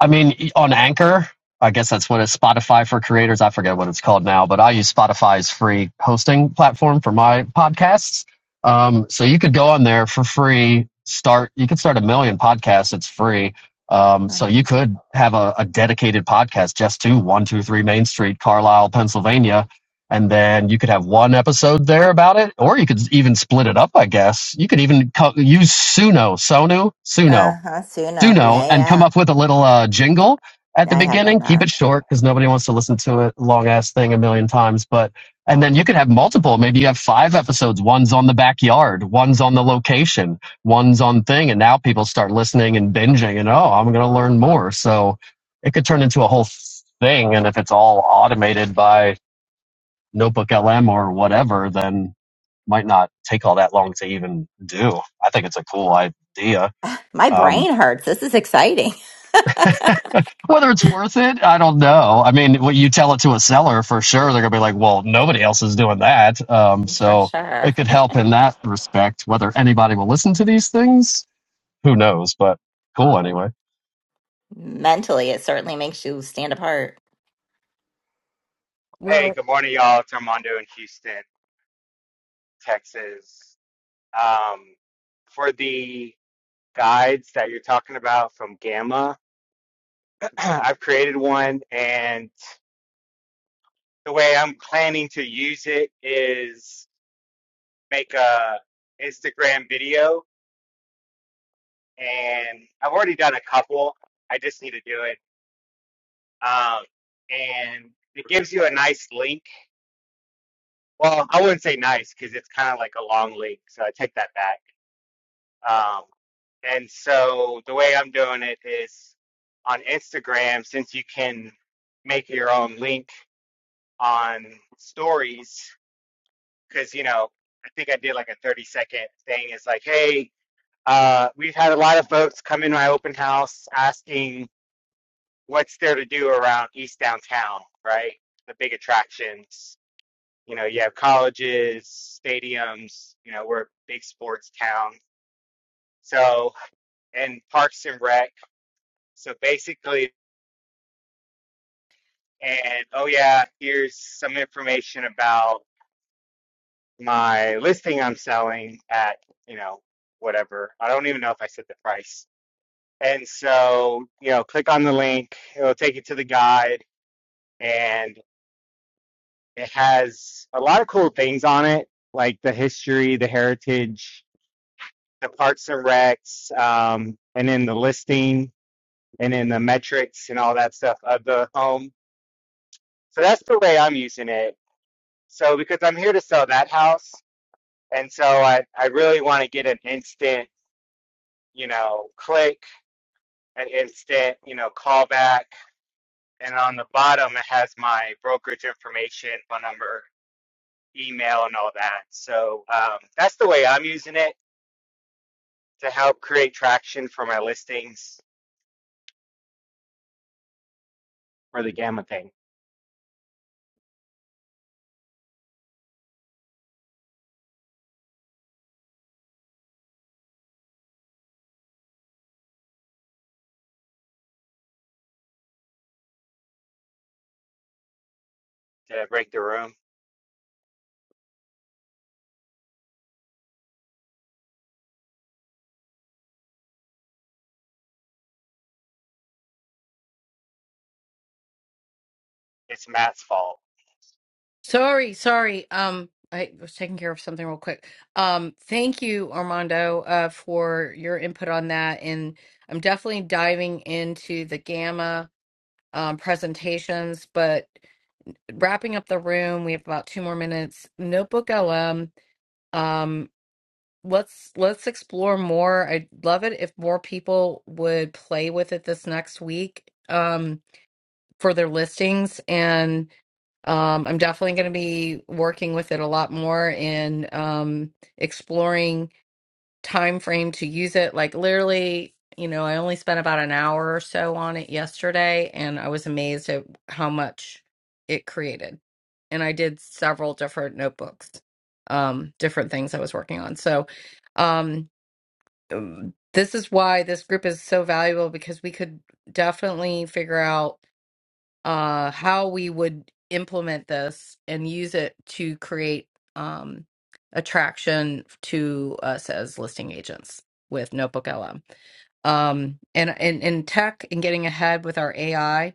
I mean, on Anchor, I guess that's what it's Spotify for creators. I forget what it's called now, but I use Spotify's free hosting platform for my podcasts. Um, so you could go on there for free, start, you could start a million podcasts. It's free. Um, so you could have a, a dedicated podcast just to 123 Main Street, Carlisle, Pennsylvania. And then you could have one episode there about it, or you could even split it up, I guess. You could even co- use Suno, Sonu, Suno Uh huh. Suno. Suno Yeah, and come yeah. up with a little uh, jingle at the Yeah, I have done beginning. Keep it that. short because nobody wants to listen to a long ass thing a million times. But and then you could have multiple. Maybe you have five episodes. One's on the backyard. One's on the location. One's on thing. And now people start listening and binging. And oh, I'm going to learn more. So it could turn into a whole thing. And if it's all automated by Notebook LM or whatever, then might not take all that long to even do. I think it's a cool idea. My Um, brain hurts. This is exciting Whether it's worth it, I don't know. I mean, when you tell it to a seller for sure, they're gonna be like, "Well, nobody else is doing that." Um, (laughs) for so it sure. could help in that respect. Whether anybody will listen to these things, who knows? But cool anyway. Mentally, it certainly makes you stand apart. Hey, well good morning, y'all. It's Armando in Houston, Texas. Um, for the guides that you're talking about from Gamma, (clears throat) I've created one, and the way I'm planning to use it is make a Instagram video, and I've already done a couple. I just need to do it. Um, and it gives you a nice link. Well, I wouldn't say nice because it's kind of like a long link, so I take that back. Um, And so the way I'm doing it is on Instagram, since you can make your own link on stories, because, you know, I think I did like a 30 second thing. It's like, hey, uh, we've had a lot of folks come in my open house asking what's there to do around East Downtown, right? The big attractions. You know, you have colleges, stadiums, you know, we're a big sports town. So, and Parks and Rec. So basically, and oh yeah, here's some information about my listing I'm selling at, you know, whatever. I don't even know if I said the price. And so, you know, click on the link, it'll take you to the guide and it has a lot of cool things on it, like the history, the heritage, the parts and recs, um, and then the listing and then the metrics and all that stuff of the home. So that's the way I'm using it. So because I'm here to sell that house, And so I, I really want to get an instant, you know, click, an instant, you know, callback. And on the bottom, it has my brokerage information, phone number, email, and all that. So um, that's the way I'm using it to help create traction for my listings for the Gamma thing did I break the room. It's Matt's fault. sorry, sorry. Um I was taking care of something real quick. Um thank you Armando uh for your input on that and I'm definitely diving into the gamma um presentations, but wrapping up the room. We have about two more minutes. Notebook LM. Um, let's let's explore more. I'd love it if more people would play with it this next week um, for their listings, and um, I'm definitely going to be working with it a lot more and um, exploring time frame to use it. Like literally, you know, I only spent about an hour or so on it yesterday, and I was amazed at how much it created. And I did several different notebooks, um, different things I was working on. So, um, um, this is why this group is so valuable because we could definitely figure out uh, how we would implement this and use it to create um, attraction to us as listing agents with Notebook LM. Um, and and in tech and getting ahead with our AI,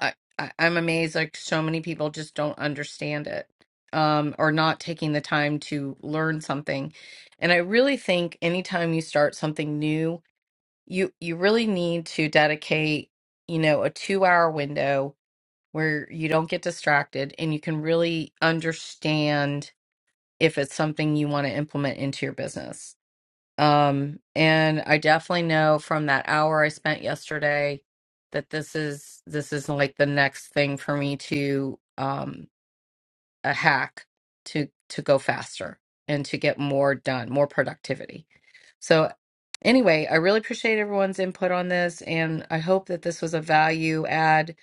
I, am amazed like so many people just don't understand it um, or not taking the time to learn something. And I really think anytime you start something new, you you really need to dedicate you know a two hour window where you don't get distracted and you can really understand if it's something you want to implement into your business. Um, and I definitely know from that hour I spent yesterday that this is this is like the next thing for me to um a hack to to go faster and to get more done, more productivity. So anyway, I really appreciate everyone's input on this and I hope that this was a value add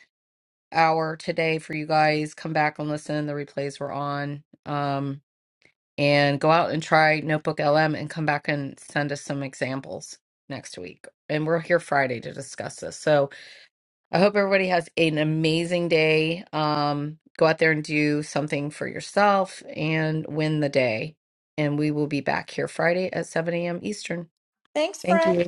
hour today for you guys. Come back and listen. The replays were on. Um, and go out and try Notebook LM and come back and send us some examples next week. And we're here Friday to discuss this. So I hope everybody has an amazing day. Um, go out there and do something for yourself and win the day. And we will be back here Friday at 7 a.m. Eastern. thanks Thank friend you.